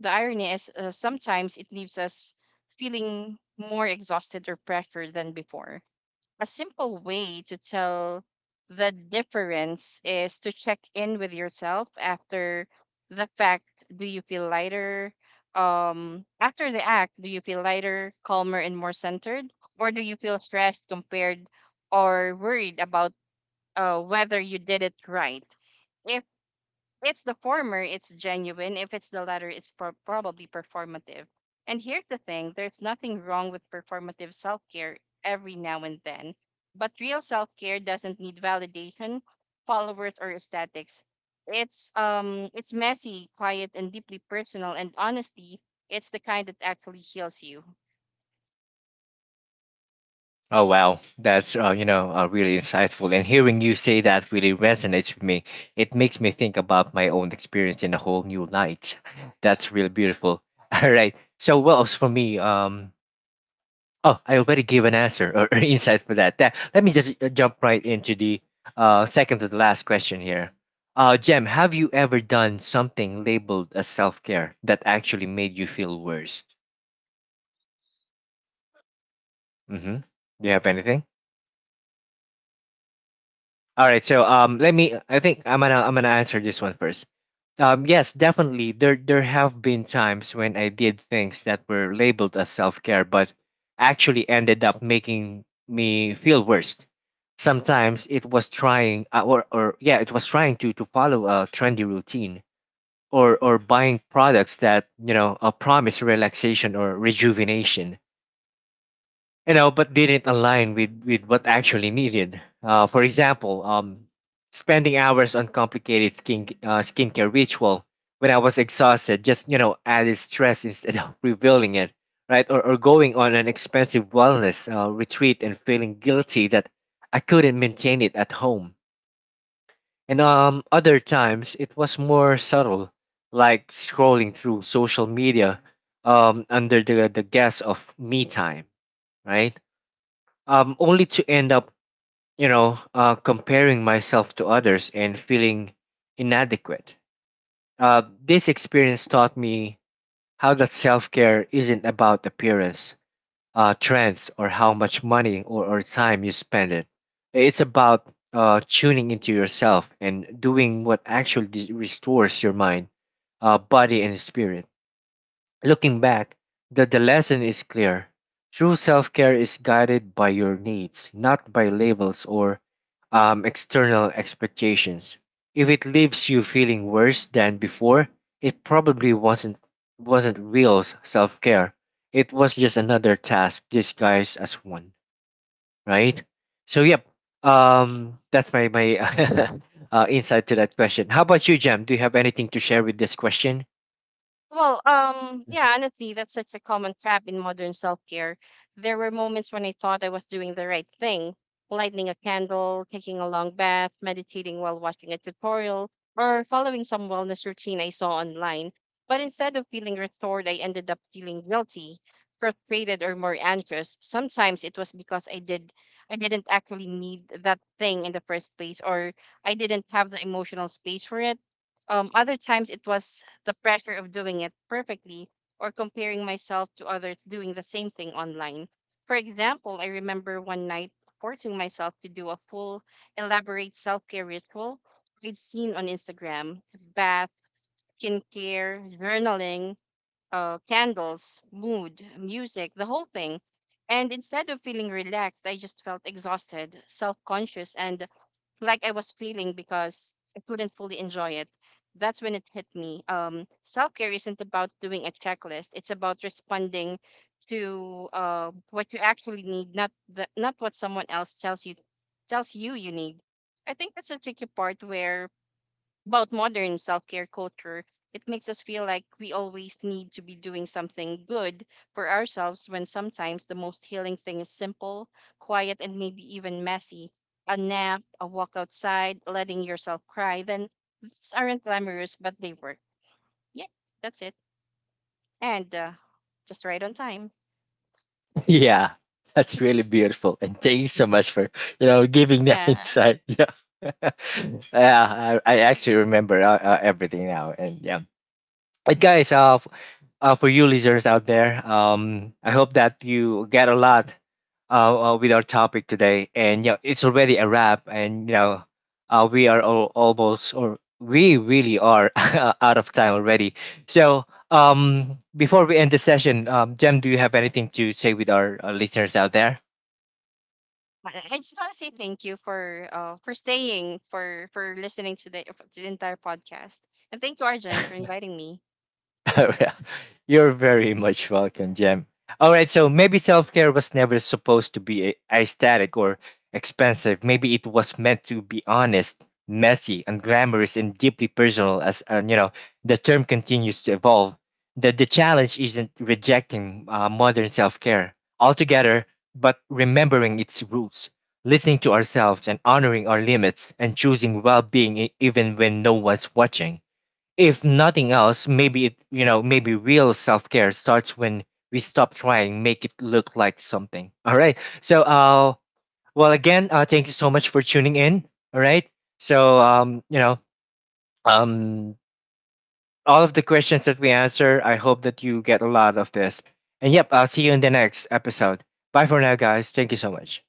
[SPEAKER 2] the irony is, sometimes it leaves us feeling more exhausted or pressured than before. A simple way to tell the difference is to check in with yourself after the fact. Do you feel lighter? After the act, do you feel lighter, calmer, and more centered? Or do you feel stressed, compared, or worried about whether you did it right? If it's the former, it's genuine. If it's the latter, it's probably performative. And here's the thing, there's nothing wrong with performative self care every now and then, but real self care doesn't need validation, followers, or aesthetics. It's messy, quiet, and deeply personal. And honestly, it's the kind that actually heals you.
[SPEAKER 1] Oh wow, that's really insightful, and hearing you say that really resonates with me. It makes me think about my own experience in a whole new light. That's really beautiful. All right. So, well, as for me, Oh, I already gave an answer or insights for that. Let me just jump right into the second to the last question here. Jem, have you ever done something labeled as self care that actually made you feel worse? Mm-hmm. Do you have anything? All right, so let me. I think I'm gonna answer this one first. Yes, definitely. There have been times when I did things that were labeled as self care, but actually ended up making me feel worse. Sometimes it was trying, or yeah, it was trying to follow a trendy routine, or buying products that promise relaxation or rejuvenation but didn't align with what actually needed. For example, spending hours on complicated skincare ritual when I was exhausted just added stress instead of revealing it, right? Or going on an expensive wellness retreat and feeling guilty that I couldn't maintain it at home. And other times it was more subtle, like scrolling through social media under the guise of me time, right? Only to end up, comparing myself to others and feeling inadequate. This experience taught me how that self care isn't about appearance, trends, or how much money or time you spend it. It's about tuning into yourself and doing what actually restores your mind, body, and spirit. Looking back, the lesson is clear. True self care is guided by your needs, not by labels or external expectations. If it leaves you feeling worse than before, it probably wasn't real self care. It was just another task disguised as one, right? So yep, that's my insight to that question. How about you, Jam? Do you have anything to share with this question?
[SPEAKER 2] Well,
[SPEAKER 1] Yeah.
[SPEAKER 2] yeah, honestly, that's such a common trap in modern self-care. There were moments when I thought I was doing the right thing, lighting a candle, taking a long bath, meditating while watching a tutorial, or following some wellness routine I saw online. But instead of feeling restored, I ended up feeling guilty, frustrated, or more anxious. Sometimes it was because I didn't actually need that thing in the first place, or I didn't have the emotional space for it. Other times it was the pressure of doing it perfectly or comparing myself to others doing the same thing online. For example, I remember one night forcing myself to do a full, elaborate self care ritual I'd seen on Instagram, bath, skincare, journaling, candles, mood, music, the whole thing. And instead of feeling relaxed, I just felt exhausted, self conscious, and like I was feeling because I couldn't fully enjoy it. That's when it hit me. Self care isn't about doing a checklist, it's about responding to what you actually need, not not what someone else tells you you need. I think that's a tricky part where about modern self-care culture. It makes us feel like we always need to be doing something good for ourselves, when sometimes the most healing thing is simple, quiet, and maybe even messy. A nap, a walk outside, letting yourself cry. Then these aren't glamorous, but they work. Yeah, that's it. And just right on time.
[SPEAKER 1] Yeah, that's really beautiful. And thank you so much for, you know, giving that
[SPEAKER 2] yeah i
[SPEAKER 1] insight. Yeah. Yeah, I actually remember everything now. And yeah. But guys, for you listeners out there. I hope that you get a lot with our topic today. And yeah, it's already a wrap. And you know, we are all, almost, or we really are out of time already. So before we end the session, Jem, do you have anything to say with our listeners out there?
[SPEAKER 2] I just want to say thank you for staying for listening to to the entire podcast, and thank you, Arjun, for inviting me.
[SPEAKER 1] Oh, yeah. You're very much welcome, Jem. All right, so maybe self care was never supposed to be aesthetic or expensive. Maybe it was meant to be honest, messy, unglamorous, and deeply personal. As the term continues to evolve. The challenge isn't rejecting modern self care altogether, but remembering its roots, listening to ourselves, and honoring our limits, and choosing well being even when no one's watching. If nothing else, maybe maybe real self care starts when we stop trying make it look like something. All right. So, thank you so much for tuning in. All right. So, um, all of the questions that we answer, I hope that you get a lot of this. And yep, I'll see you in the next episode. Bye for now, guys. Thank you so much.